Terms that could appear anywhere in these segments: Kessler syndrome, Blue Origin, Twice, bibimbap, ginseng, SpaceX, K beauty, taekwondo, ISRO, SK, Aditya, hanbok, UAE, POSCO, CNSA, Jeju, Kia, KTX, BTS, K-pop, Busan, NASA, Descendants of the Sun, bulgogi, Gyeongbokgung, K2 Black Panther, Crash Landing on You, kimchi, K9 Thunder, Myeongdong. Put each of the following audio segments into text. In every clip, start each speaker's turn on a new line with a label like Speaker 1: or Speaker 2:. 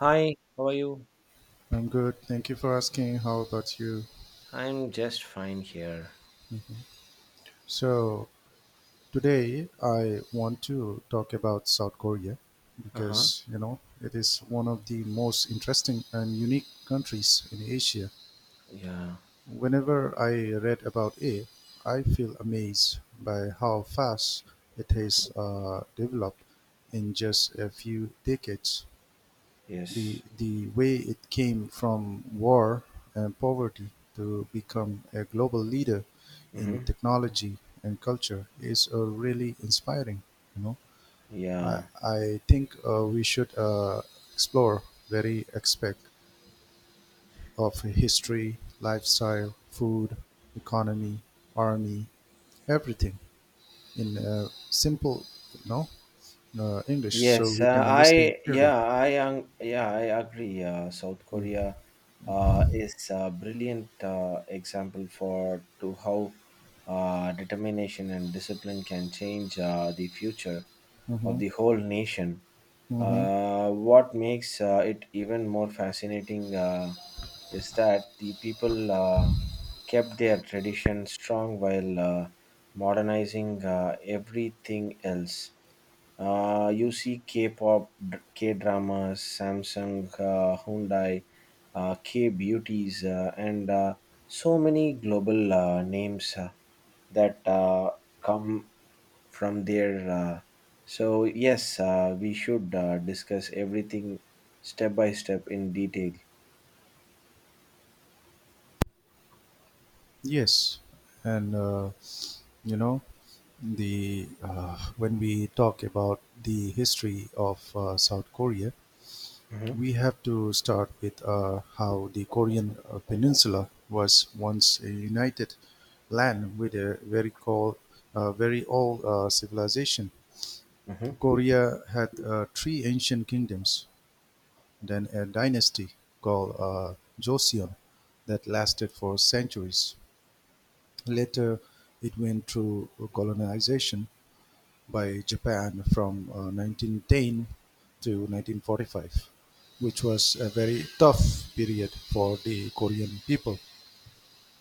Speaker 1: Hi, how are you?
Speaker 2: I'm good. Thank you for asking. How about you?
Speaker 1: I'm just fine here.
Speaker 2: So, today I want to talk about South Korea
Speaker 1: Uh huh.
Speaker 2: because, it is one of the most interesting and unique countries in Asia.
Speaker 1: Yeah.
Speaker 2: Whenever I read about it, I feel amazed by how fast it has developed in just a few decades. the
Speaker 1: Yes.
Speaker 2: the way it came from war and poverty to become a global leader in
Speaker 1: Mm-hmm.
Speaker 2: technology and culture is really inspiring. You know, I
Speaker 1: Yeah.
Speaker 2: I think we should explore very aspect of history, lifestyle, food, economy, army, everything in simple, you know, English, so
Speaker 1: Yes.
Speaker 2: we can understand
Speaker 1: I.
Speaker 2: clearly.
Speaker 1: Yeah. I. Yeah. I agree. South Korea is a brilliant example for to how determination and discipline can change the future of
Speaker 2: Mm-hmm.
Speaker 1: the whole nation.
Speaker 2: Mm-hmm.
Speaker 1: What makes it even more fascinating is that the people kept their tradition strong while modernizing everything else. You see K-pop, K dramas, Samsung, Hyundai, K beauties, and so many global names that come from there. So yes, we should discuss everything step by step in detail.
Speaker 2: Yes, and, you know the when we talk about the history of South Korea,
Speaker 1: Mhm.
Speaker 2: we have to start with how the Korean peninsula was once a united land with a very old civilization.
Speaker 1: Mhm.
Speaker 2: Korea had three ancient kingdoms, then a dynasty called Joseon that lasted for centuries. Later, it went through colonization by Japan from 1910 to 1945, which was a very tough period for the Korean people.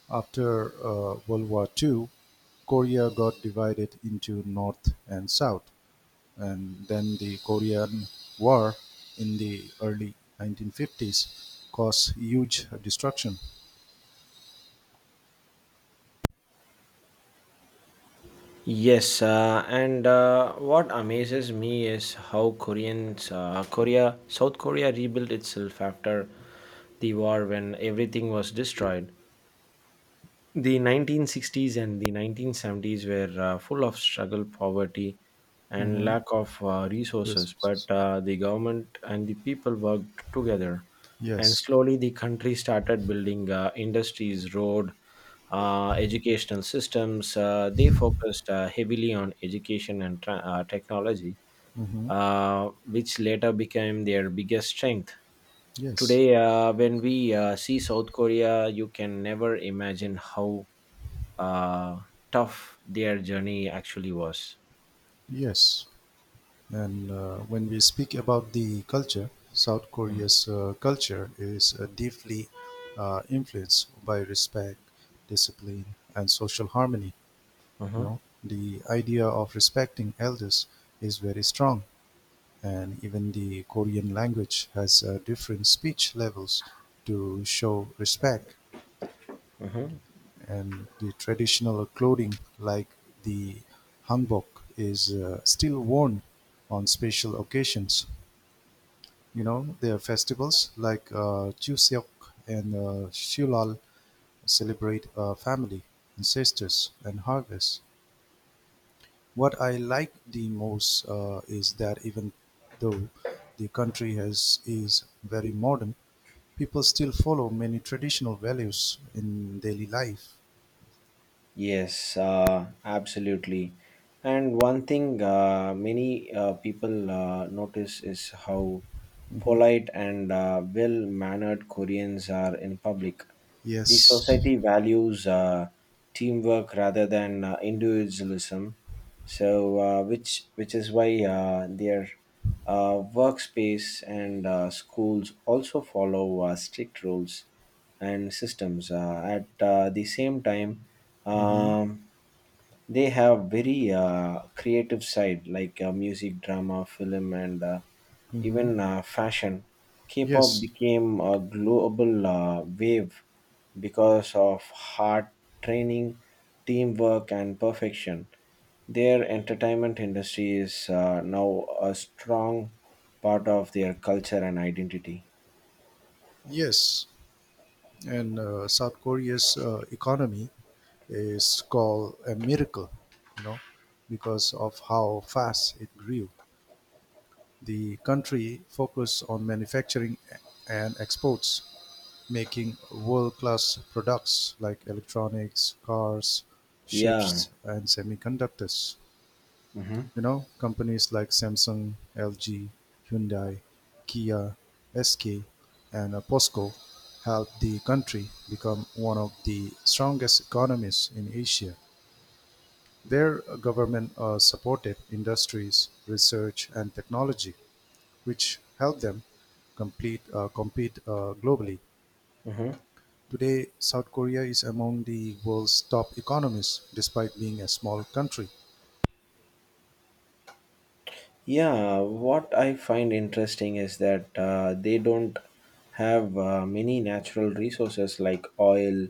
Speaker 2: After World War II, Korea got divided into North and South, and then the Korean War in the early 1950s caused huge destruction.
Speaker 1: Yes, and what amazes me is how Koreans, Korea, South Korea rebuilt itself after the war when everything was destroyed. The 1960s and the 1970s were full of struggle, poverty, and
Speaker 2: Mhm.
Speaker 1: lack of resources,
Speaker 2: Yes.
Speaker 1: but the government and the people worked together. And
Speaker 2: Yes.
Speaker 1: slowly, the country started building industries, road, educational systems. They focused heavily on education and technology
Speaker 2: Mhm.
Speaker 1: which later became their biggest strength.
Speaker 2: Yes.
Speaker 1: Today, when we see South Korea, you can never imagine how uh, tough their journey actually was.
Speaker 2: Yes. And when we speak about the culture, South Korea's culture is deeply influenced by respect, discipline, and social harmony. You
Speaker 1: Mm-hmm.
Speaker 2: know, the idea of respecting elders is very strong, and even the Korean language has different speech levels to show respect. And the traditional clothing, like the hanbok, is still worn on special occasions. Their festivals like Chuseok and Shulal celebrate family, ancestors, and harvest. What I like the most is that even though the country has is very modern, people still follow many traditional values in daily life.
Speaker 1: Yes, absolutely. And one thing many people notice is how
Speaker 2: Hmm.
Speaker 1: polite and well mannered Koreans are in public. The
Speaker 2: Yes.
Speaker 1: society values teamwork rather than individualism, so, which is why their workspace and schools also follow strict rules and systems. At the same time,
Speaker 2: Hmm.
Speaker 1: um, they have very creative side like music, drama, film, and
Speaker 2: Hmm.
Speaker 1: even fashion. K-pop
Speaker 2: Yes.
Speaker 1: became a global wave because of hard training, teamwork, and perfection. Their entertainment industry is now a strong part of their culture and identity.
Speaker 2: Yes. And South Korea's economy is called a miracle, you know, because of how fast it grew. The country focused on manufacturing and exports, making world class products like electronics, cars,
Speaker 1: Yeah.
Speaker 2: ships, and semiconductors.
Speaker 1: Mm-hmm.
Speaker 2: Companies like Samsung, LG, Hyundai, Kia, SK, and POSCO helped the country become one of the strongest economies in Asia. Their government supported industries, research, and technology, which helped them compete globally.
Speaker 1: Mm-hmm.
Speaker 2: Today, South Korea is among the world's top economies, despite being a small country.
Speaker 1: Yeah, what I find interesting is that they don't have many natural resources like oil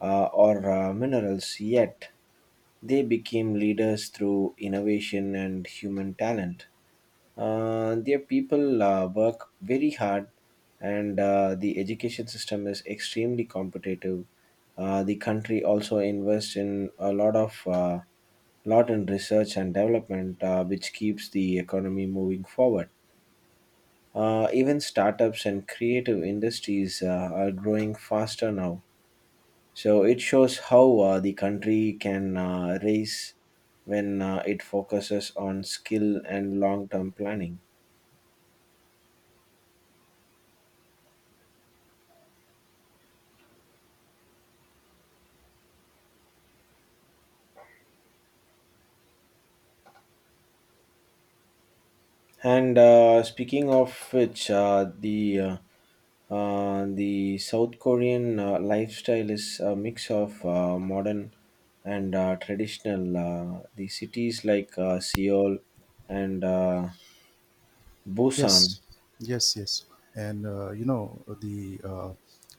Speaker 1: or minerals yet. They became leaders through innovation and human talent. Their people work very hard, and the education system is extremely competitive. The country also invests in a lot in research and development, which keeps the economy moving forward. Even startups and creative industries are growing faster now. So it shows how the country can raise when it focuses on skill and long term planning. And speaking of which, the the South Korean lifestyle is a mix of modern and traditional. The cities like Seoul and Busan.
Speaker 2: Yes, yes, yes. And the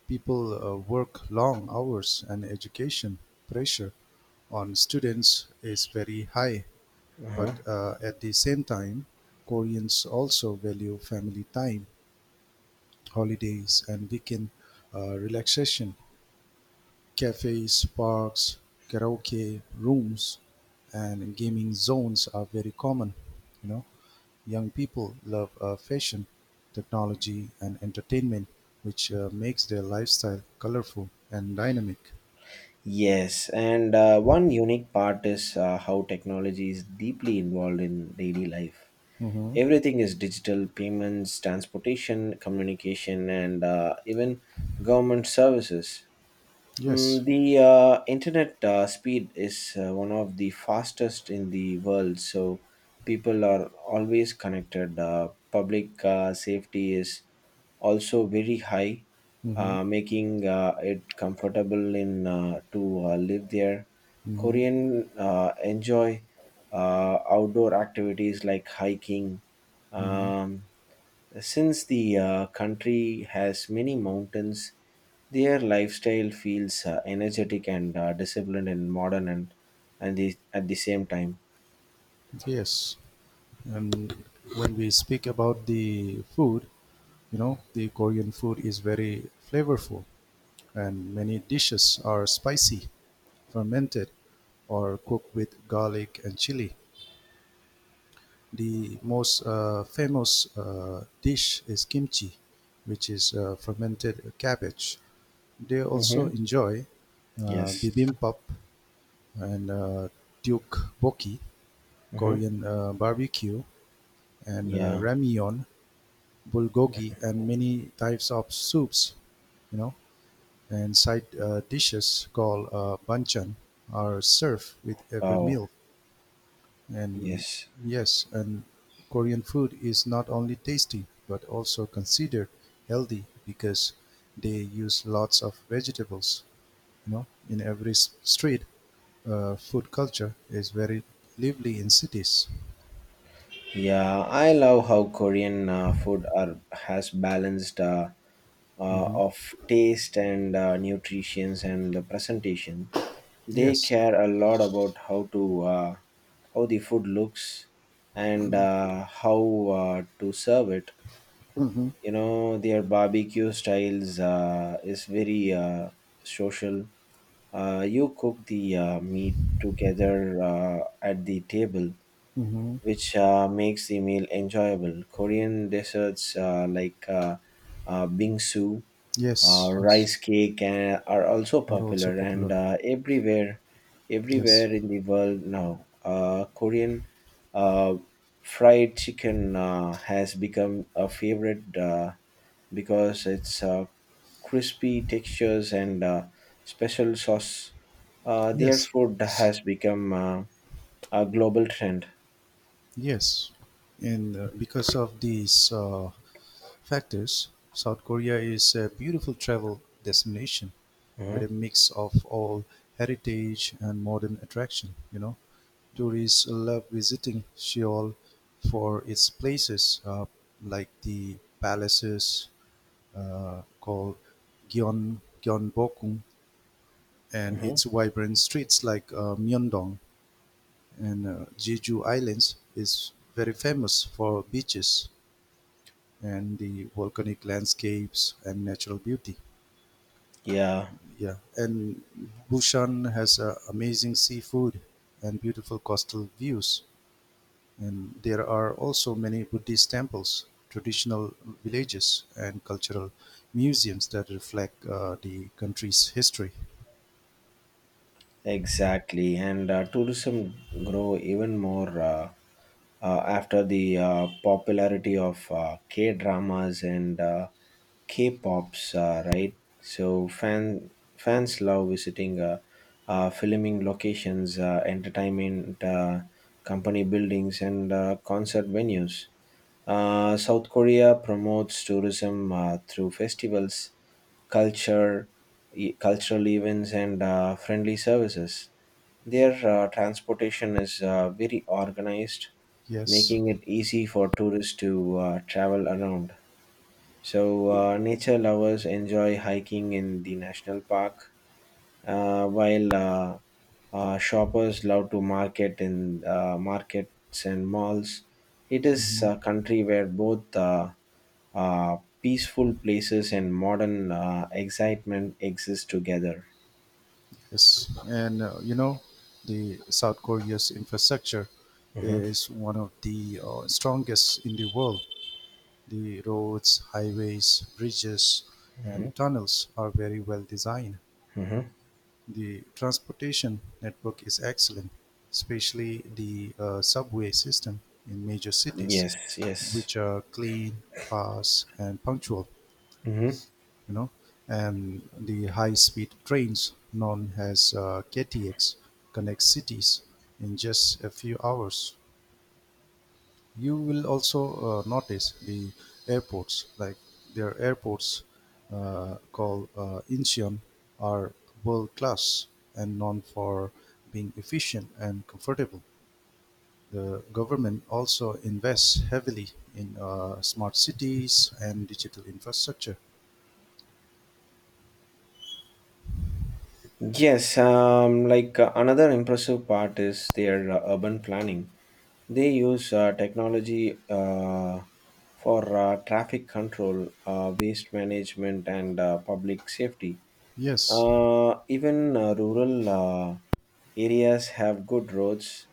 Speaker 2: people work long hours, and education pressure on students is very high.
Speaker 1: Uh-huh.
Speaker 2: But at the same time, Koreans also value family time, holidays, and weekend relaxation. Cafes, parks, karaoke rooms, and gaming zones are very common. You know, young people love fashion, technology, and entertainment, which makes their lifestyle colorful and dynamic.
Speaker 1: Yes, and one unique part is how technology is deeply involved in daily life.
Speaker 2: Mm-hmm.
Speaker 1: Everything is digital payments, transportation, communication, and even government services.
Speaker 2: Yes.
Speaker 1: The internet speed is one of the fastest in the world, so people are always connected. Public safety is also very high,
Speaker 2: Mm-hmm.
Speaker 1: making it comfortable in to live there.
Speaker 2: Mm-hmm.
Speaker 1: Korean enjoy outdoor activities like hiking.
Speaker 2: Mm-hmm.
Speaker 1: Um, since the country has many mountains, their lifestyle feels energetic and disciplined and modern and at the same time.
Speaker 2: Yes. And when we speak about the food, the Korean food is very flavorful, and many dishes are spicy, fermented, or cooked with garlic and chili. The most famous dish is kimchi, which is fermented cabbage. They also
Speaker 1: Mm-hmm.
Speaker 2: enjoy
Speaker 1: Yes.
Speaker 2: bibimbap and tteokbokki,
Speaker 1: Mm-hmm.
Speaker 2: Korean barbecue, and
Speaker 1: Yeah.
Speaker 2: ramyeon, bulgogi, and many types of soups. You know, And side dishes called banchan are served with every
Speaker 1: Wow.
Speaker 2: meal. And
Speaker 1: Yes.
Speaker 2: yes, and Korean food is not only tasty but also considered healthy because they use lots of vegetables. In every street, food culture is very lively in cities.
Speaker 1: Yeah, I love how Korean food are has balanced
Speaker 2: Hmm.
Speaker 1: of taste and nutritions and the presentation. They
Speaker 2: Yes,
Speaker 1: care a lot about how the food looks and how to serve it. You know, their barbecue styles is very social. You cook the meat together at the table which makes the meal enjoyable. Korean desserts like bingsu,
Speaker 2: yes, yes,
Speaker 1: rice cake, are also
Speaker 2: are also
Speaker 1: popular and
Speaker 2: popular.
Speaker 1: everywhere,
Speaker 2: Yes,
Speaker 1: everywhere in the world now. Korean uh, fried chicken has become a favorite because it's crispy textures and special sauce. Their
Speaker 2: yes,
Speaker 1: food has become a global trend.
Speaker 2: yes, and because of these Fact is, South Korea is a beautiful travel destination with a
Speaker 1: Mhm.
Speaker 2: mix of all heritage and modern attraction. Tourists love visiting Seoul for its places like the palaces called Gyeongbokgung and
Speaker 1: Mhm.
Speaker 2: its vibrant streets like Myeongdong, and Jeju Islands is very famous for beaches and the volcanic landscapes and natural beauty.
Speaker 1: Yeah,
Speaker 2: Yeah, and Busan has amazing seafood and beautiful coastal views. And there are also many Buddhist temples, traditional villages, and cultural museums that reflect the country's history.
Speaker 1: exactly. And tourism grow even more after the popularity of K dramas and K pops, right? So fans love visiting filming locations, entertainment company buildings, and concert venues. South Korea promotes tourism through festivals culture, cultural events, and friendly services. Their transportation is very organized,
Speaker 2: Yes.
Speaker 1: making it easy for tourists to travel around. So, nature lovers enjoy hiking in the national park, while shoppers love to market in markets and malls. It is
Speaker 2: Mhm.
Speaker 1: a country where both uh, peaceful places and modern excitement exist together.
Speaker 2: Yes, and the South Korea's infrastructure
Speaker 1: Hmm.
Speaker 2: is one of the strongest in the world. The roads, highways, bridges,
Speaker 1: Hmm.
Speaker 2: and tunnels are very well designed.
Speaker 1: Hmm.
Speaker 2: The transportation network is excellent, especially the subway system in major cities,
Speaker 1: Yes, yes.
Speaker 2: which are clean, fast, and punctual.
Speaker 1: Mhm.
Speaker 2: You know, and the high-speed trains known as KTX connect cities in just a few hours. You will also notice the airports, like their airports called Incheon, are world class and known for being efficient and comfortable. The government also invests heavily in smart cities and digital infrastructure.
Speaker 1: Yes, like another impressive part is their urban planning. They use technology for traffic control, waste management, and public safety.
Speaker 2: Yes.
Speaker 1: Even rural areas have good roads,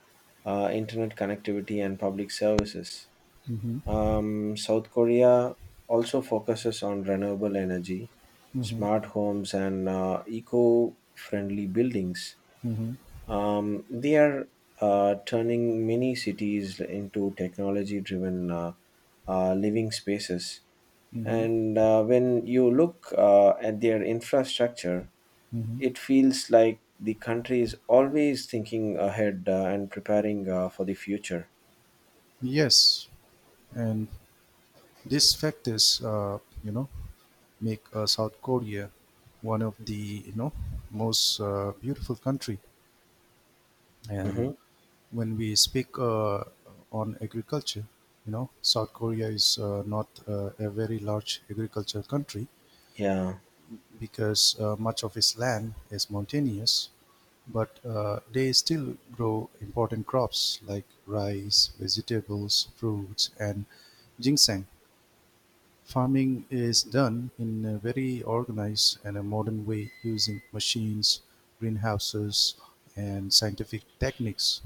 Speaker 1: internet connectivity, and public services.
Speaker 2: Mm-hmm.
Speaker 1: South Korea also focuses on renewable energy,
Speaker 2: Mm-hmm.
Speaker 1: smart homes, and eco friendly buildings.
Speaker 2: Mm-hmm.
Speaker 1: They are turning many cities into technology driven living spaces.
Speaker 2: Mm-hmm.
Speaker 1: And when you look at their infrastructure,
Speaker 2: Mm-hmm.
Speaker 1: it feels like the country is always thinking ahead and preparing for the future.
Speaker 2: Yes. And these factors, you know, make South Korea one of the most beautiful country. And
Speaker 1: Hmm.
Speaker 2: when we speak on agriculture, South Korea is not a very large agriculture country
Speaker 1: Yeah.
Speaker 2: because much of its land is mountainous. But they still grow important crops like rice, vegetables, fruits, and ginseng. Farming is done in a very organized and a modern way using machines, greenhouses, and scientific techniques.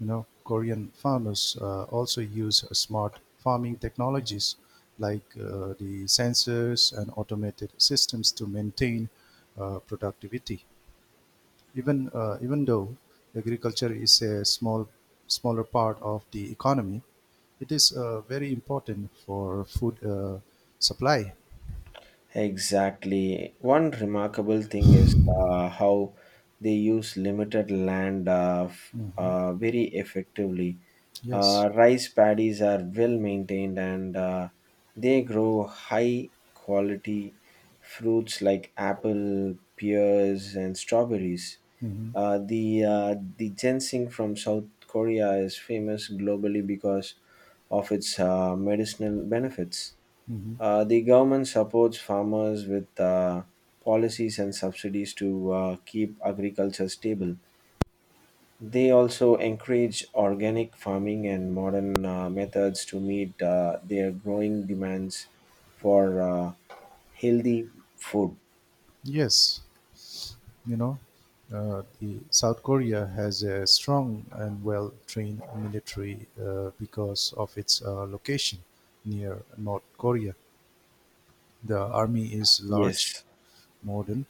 Speaker 2: Korean farmers also use smart farming technologies like the sensors and automated systems to maintain productivity. Even though agriculture is a smaller part of the economy, it is very important for food supply.
Speaker 1: Exactly. One remarkable thing is how they use limited land
Speaker 2: Mhm.
Speaker 1: very effectively.
Speaker 2: Yes.
Speaker 1: Rice paddies are well maintained and they grow high quality fruits like apple, pears, and strawberries.
Speaker 2: Mhm.
Speaker 1: The ginseng from South Korea is famous globally because of its medicinal benefits.
Speaker 2: Mhm.
Speaker 1: The government supports farmers with policies and subsidies to keep agriculture stable. They also encourage organic farming and modern methods to meet their growing demands for healthy food.
Speaker 2: Yes. You know, the South Korea has a strong and well-trained military because of its location near North Korea. The army is large,
Speaker 1: Yes.
Speaker 2: modern,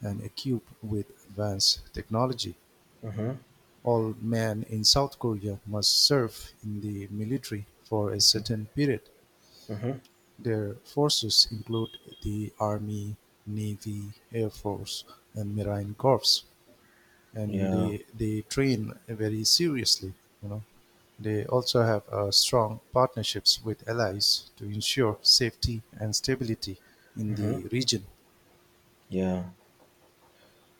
Speaker 2: and equipped with advanced technology.
Speaker 1: Mm-hmm.
Speaker 2: All men in South Korea must serve in the military for a
Speaker 1: Mm-hmm.
Speaker 2: certain period.
Speaker 1: Mm-hmm.
Speaker 2: Their forces include the Army, Navy, Air Force, and Marine Corps, and
Speaker 1: Yeah.
Speaker 2: they train very seriously, you know. They also have strong partnerships with allies to ensure safety and stability in
Speaker 1: Mm-hmm.
Speaker 2: the region.
Speaker 1: Yeah.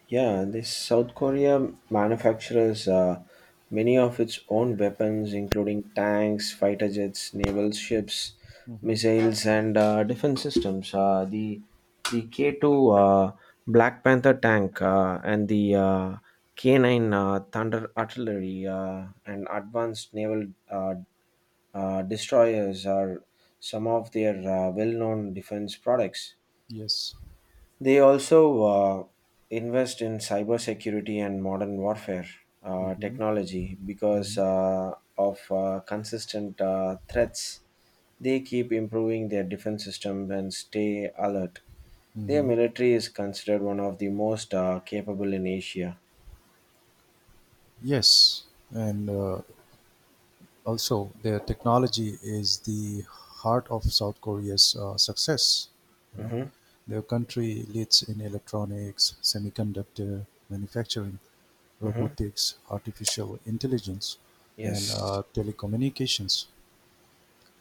Speaker 1: Yeah, this South Korea manufactures many of its own weapons, including tanks, fighter jets, naval ships,
Speaker 2: Mhm.
Speaker 1: missiles, and defense systems. The K2 Black Panther tank and the K9 Thunder artillery and advanced naval uh, destroyers are some of their well known defense products.
Speaker 2: Yes.
Speaker 1: They also invest in cybersecurity and modern warfare
Speaker 2: Mhm.
Speaker 1: technology because
Speaker 2: Mhm.
Speaker 1: of consistent threats. They keep improving their defense system and stay alert. Their
Speaker 2: Mhm.
Speaker 1: military is considered one of the most capable in Asia.
Speaker 2: Yes. And Also, their technology is the heart of South Korea's success. You know,
Speaker 1: Mm-hmm.
Speaker 2: their country leads in electronics, semiconductor manufacturing,
Speaker 1: Mm-hmm.
Speaker 2: robotics, artificial intelligence, and
Speaker 1: Yes.
Speaker 2: telecommunications.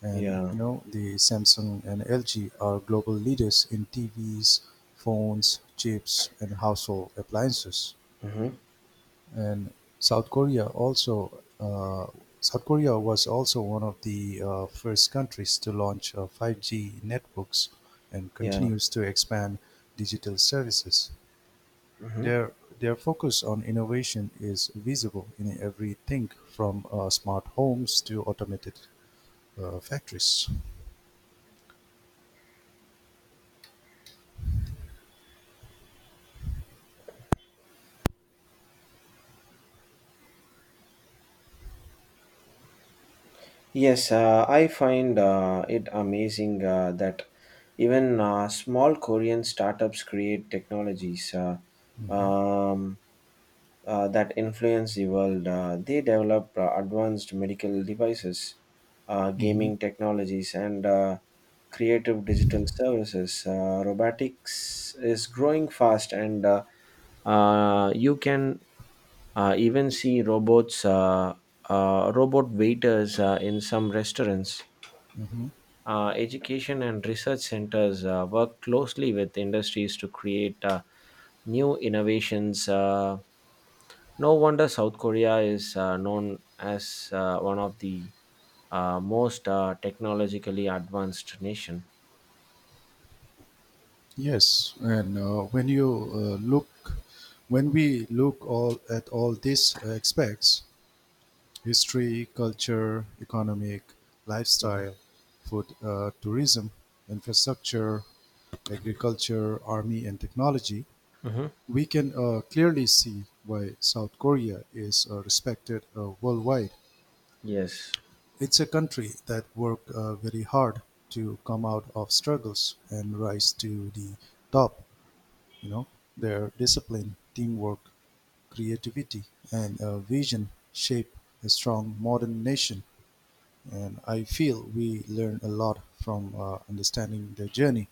Speaker 2: And
Speaker 1: Yeah.
Speaker 2: the Samsung and LG are global leaders in TVs, phones, chips, and household appliances.
Speaker 1: Mm-hmm.
Speaker 2: And South Korea also uh, South Korea was also one of the first countries to launch 5G networks and
Speaker 1: Yeah.
Speaker 2: continues to expand digital services.
Speaker 1: Mm-hmm.
Speaker 2: Their their focus on innovation is visible in everything from smart homes to automated factories.
Speaker 1: Yes, I find it amazing that even small Korean startups create technologies
Speaker 2: Mhm.
Speaker 1: um, that influence the world. They develop advanced medical devices,
Speaker 2: Mm-hmm.
Speaker 1: gaming technologies, and creative digital services. Robotics is growing fast, and you can. Even see robots, robot waiters in some restaurants.
Speaker 2: Mm-hmm.
Speaker 1: Education and research centers work closely with industries to create new innovations. No wonder South Korea is known as one of the most technologically advanced nation.
Speaker 2: Yes, and uh, look, when we look all at all these aspects: history, culture, economic,
Speaker 1: Mhm.
Speaker 2: lifestyle, food, tourism, infrastructure, agriculture, army, and technology,
Speaker 1: Mhm.
Speaker 2: we can clearly see why South Korea is respected worldwide.
Speaker 1: Yes.
Speaker 2: It's a country that worked very hard to come out of struggles and rise to the top. You know, their discipline, teamwork, creativity, and vision shape a strong modern nation. And I feel we learn a lot from understanding their journey.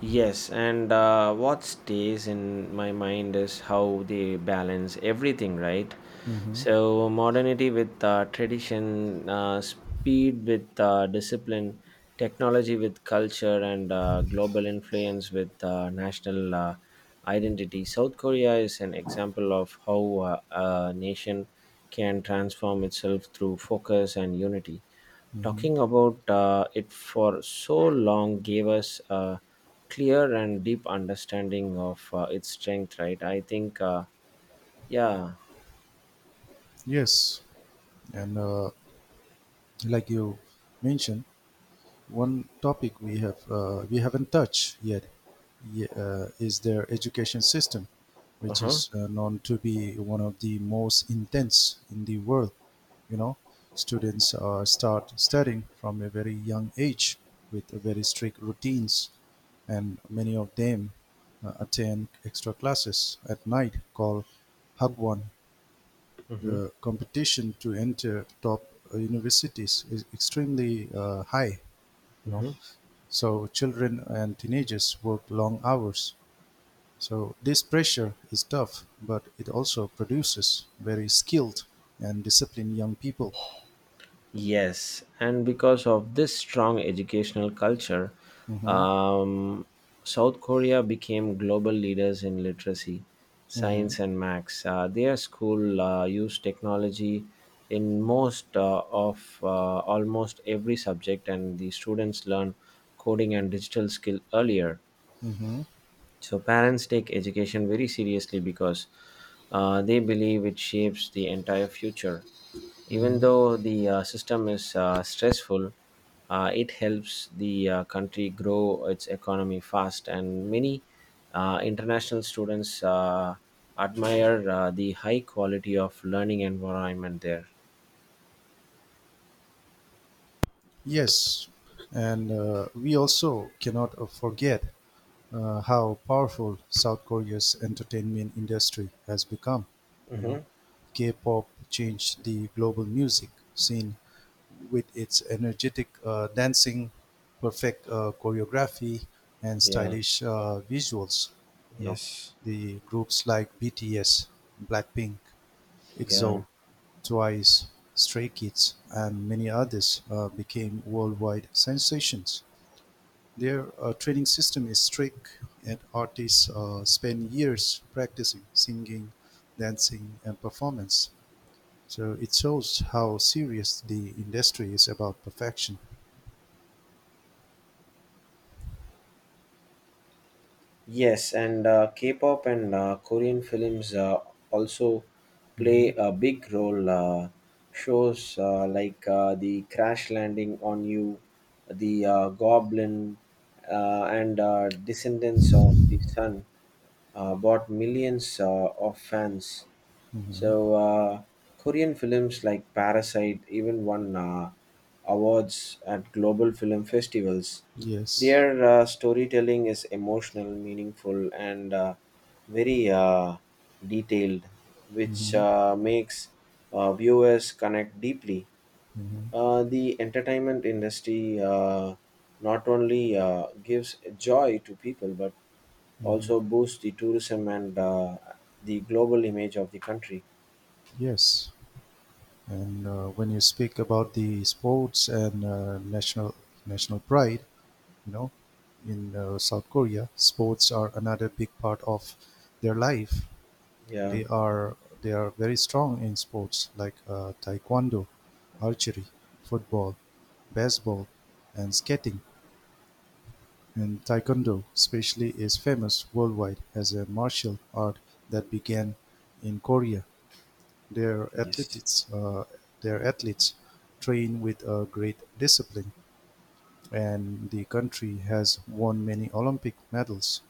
Speaker 1: Yes, and what stays in my mind is how they balance everything, right?
Speaker 2: Mm-hmm.
Speaker 1: So, modernity with tradition, speed with discipline, technology with culture, and global influence with national identity. South Korea is an example of how a nation can transform itself through focus and unity.
Speaker 2: Hmm.
Speaker 1: Talking about it for so long gave us a clear and deep understanding of its strength, right? I think, yeah.
Speaker 2: Yes, and like you mentioned, one topic we haven't touched yet, is their education system,
Speaker 1: Uh
Speaker 2: which
Speaker 1: huh.
Speaker 2: is known to be one of the most intense in the world. You know, students start studying from a very young age with very strict routines, and many of them attend extra classes at night called Hagwon.
Speaker 1: Mm-hmm.
Speaker 2: The competition to enter top universities is extremely high, you know. So children and teenagers work long hours. So this pressure is tough, but it also produces very skilled and disciplined young people.
Speaker 1: Yes, and because of this strong educational culture,
Speaker 2: Hmm.
Speaker 1: um, South Korea became global leaders in literacy,
Speaker 2: Hmm.
Speaker 1: science, and maths. Their school used technology in most of almost every subject, and the students learn coding and digital skill earlier.
Speaker 2: Hmm.
Speaker 1: So parents take education very seriously because they believe it shapes the entire future. Even though the system is stressful, it helps the country grow its economy fast. And many international students admire the high quality of learning environment there.
Speaker 2: Yes, and we also cannot forget how powerful South Korea's entertainment industry has become. You know,
Speaker 1: Hmm.
Speaker 2: K-pop changed the global music scene with its energetic dancing, perfect choreography, and
Speaker 1: Yeah.
Speaker 2: stylish visuals. You know,
Speaker 1: Yes.
Speaker 2: the groups like BTS, Blackpink,
Speaker 1: Yeah.
Speaker 2: EXO, Twice, Stray Kids, and many others became worldwide sensations. Their training system is strict, and artists spend years practicing singing, dancing, and performance. So it shows how serious the industry is about perfection.
Speaker 1: Yes, and K-pop and Korean films also
Speaker 2: Hmm.
Speaker 1: play a big role. Shows like the Crash Landing on You, the Goblin, and Descendants of the Sun bought millions of fans. So Korean films like Parasite even won awards at global film festivals.
Speaker 2: Yes.
Speaker 1: Their storytelling is emotional, meaningful, and very detailed, which
Speaker 2: Hmm.
Speaker 1: makes viewers connect deeply.
Speaker 2: Hmm.
Speaker 1: The entertainment industry not only gives joy to people but
Speaker 2: Hmm.
Speaker 1: also boosts the tourism and the global image of the country.
Speaker 2: Yes. And when you speak about the sports and national pride, You know, in South Korea, sports are another big part of their life.
Speaker 1: Yeah,
Speaker 2: They are they are very strong in sports like taekwondo, archery, football, baseball, and skating. And taekwondo, especially, is famous worldwide as a martial art that began in Korea. Their
Speaker 1: yes,
Speaker 2: athletes, uh, their athletes train with a great discipline, and the country has won many Olympic medals.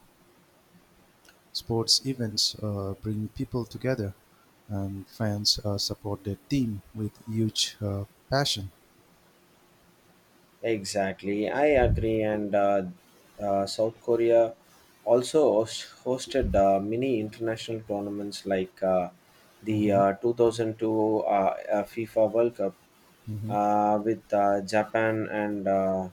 Speaker 2: Sports events bring people together, and fans support their team with huge passion.
Speaker 1: exactly. I agree. And South Korea also hosted many international tournaments like the
Speaker 2: Hmm.
Speaker 1: 2002 FIFA World Cup
Speaker 2: Hmm.
Speaker 1: with Japan and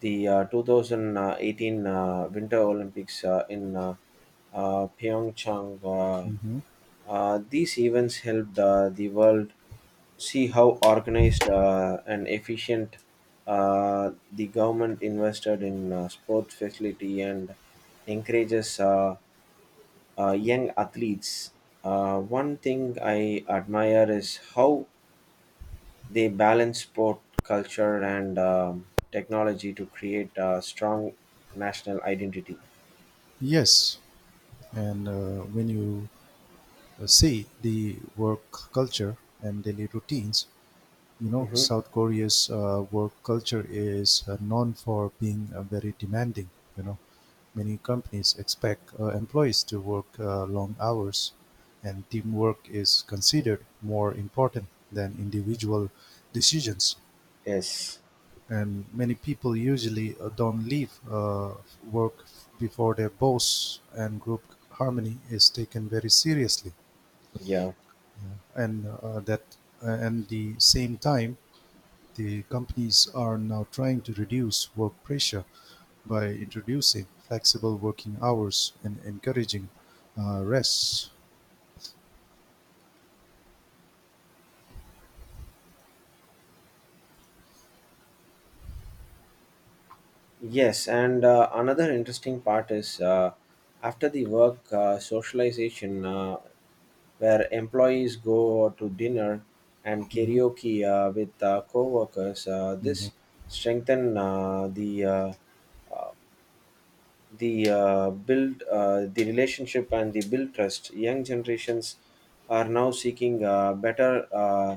Speaker 1: the 2018 Winter Olympics in Pyeongchang. Uh,
Speaker 2: Hmm.
Speaker 1: uh, these events helped the world see how organized and efficient the government invested in sports facility and encourages young athletes. One thing I admire is how they balance sport, culture, and technology to create a strong national identity.
Speaker 2: Yes, and when you see the work culture and daily routines,
Speaker 1: Hmm.
Speaker 2: South Korea's work culture is known for being very demanding. You know, many companies expect employees to work long hours, and teamwork is considered more important than individual decisions.
Speaker 1: Yes,
Speaker 2: And many people usually don't leave work before their boss, and group harmony is taken very seriously.
Speaker 1: yeah,
Speaker 2: Yeah. And the same time, the companies are now trying to reduce work pressure by introducing flexible working hours and encouraging rest.
Speaker 1: yes, and another interesting part is after the work socialization. Where employees go to dinner and
Speaker 2: Mhm,
Speaker 1: karaoke with coworkers. Uh,
Speaker 2: mhm,
Speaker 1: this strengthen uh, the relationship and the build trust. Young generations are now seeking better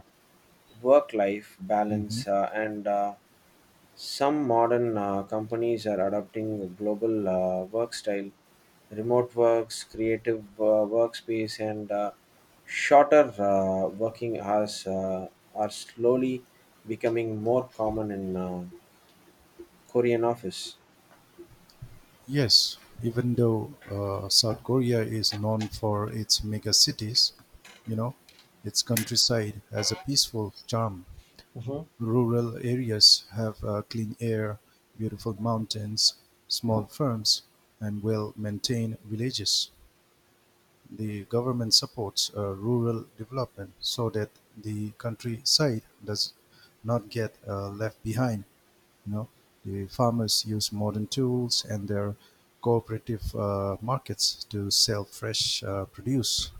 Speaker 1: work life
Speaker 2: mhm.
Speaker 1: balance and some modern companies are adopting a global work style, remote works, creative workspace, and shorter working hours are slowly becoming more common in Korean office.
Speaker 2: Yes, even though South Korea is known for its mega cities, you know, its countryside has a peaceful charm. Rural areas have clean air, beautiful mountains, small farms, and well maintained villages. The government supports rural development so that the countryside does not get left behind. You know, the farmers use modern tools, and their cooperative markets to sell fresh produce.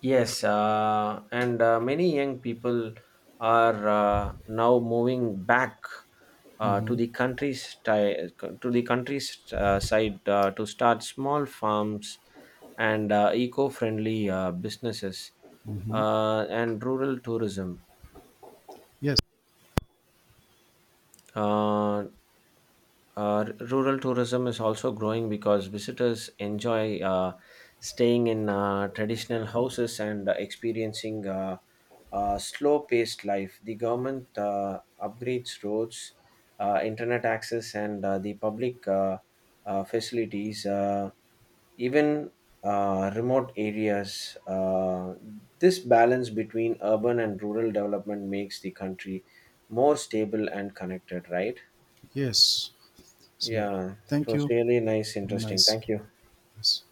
Speaker 1: Yes, and many young people are now moving back uh,
Speaker 2: Hmm.
Speaker 1: to the country's ti- to the country's side to start small farms and eco-friendly businesses
Speaker 2: Hmm.
Speaker 1: and rural tourism.
Speaker 2: Yes,
Speaker 1: Uh, rural tourism is also growing because visitors enjoy staying in traditional houses and experiencing slow paced life. The government upgrades roads, internet access, and the public facilities. Even remote areas. This balance between urban and rural development makes the country more stable and connected, right?
Speaker 2: yes. So,
Speaker 1: Yeah, it
Speaker 2: thank
Speaker 1: was
Speaker 2: you.
Speaker 1: really nice, interesting.
Speaker 2: Nice.
Speaker 1: Thank you.
Speaker 2: Yes.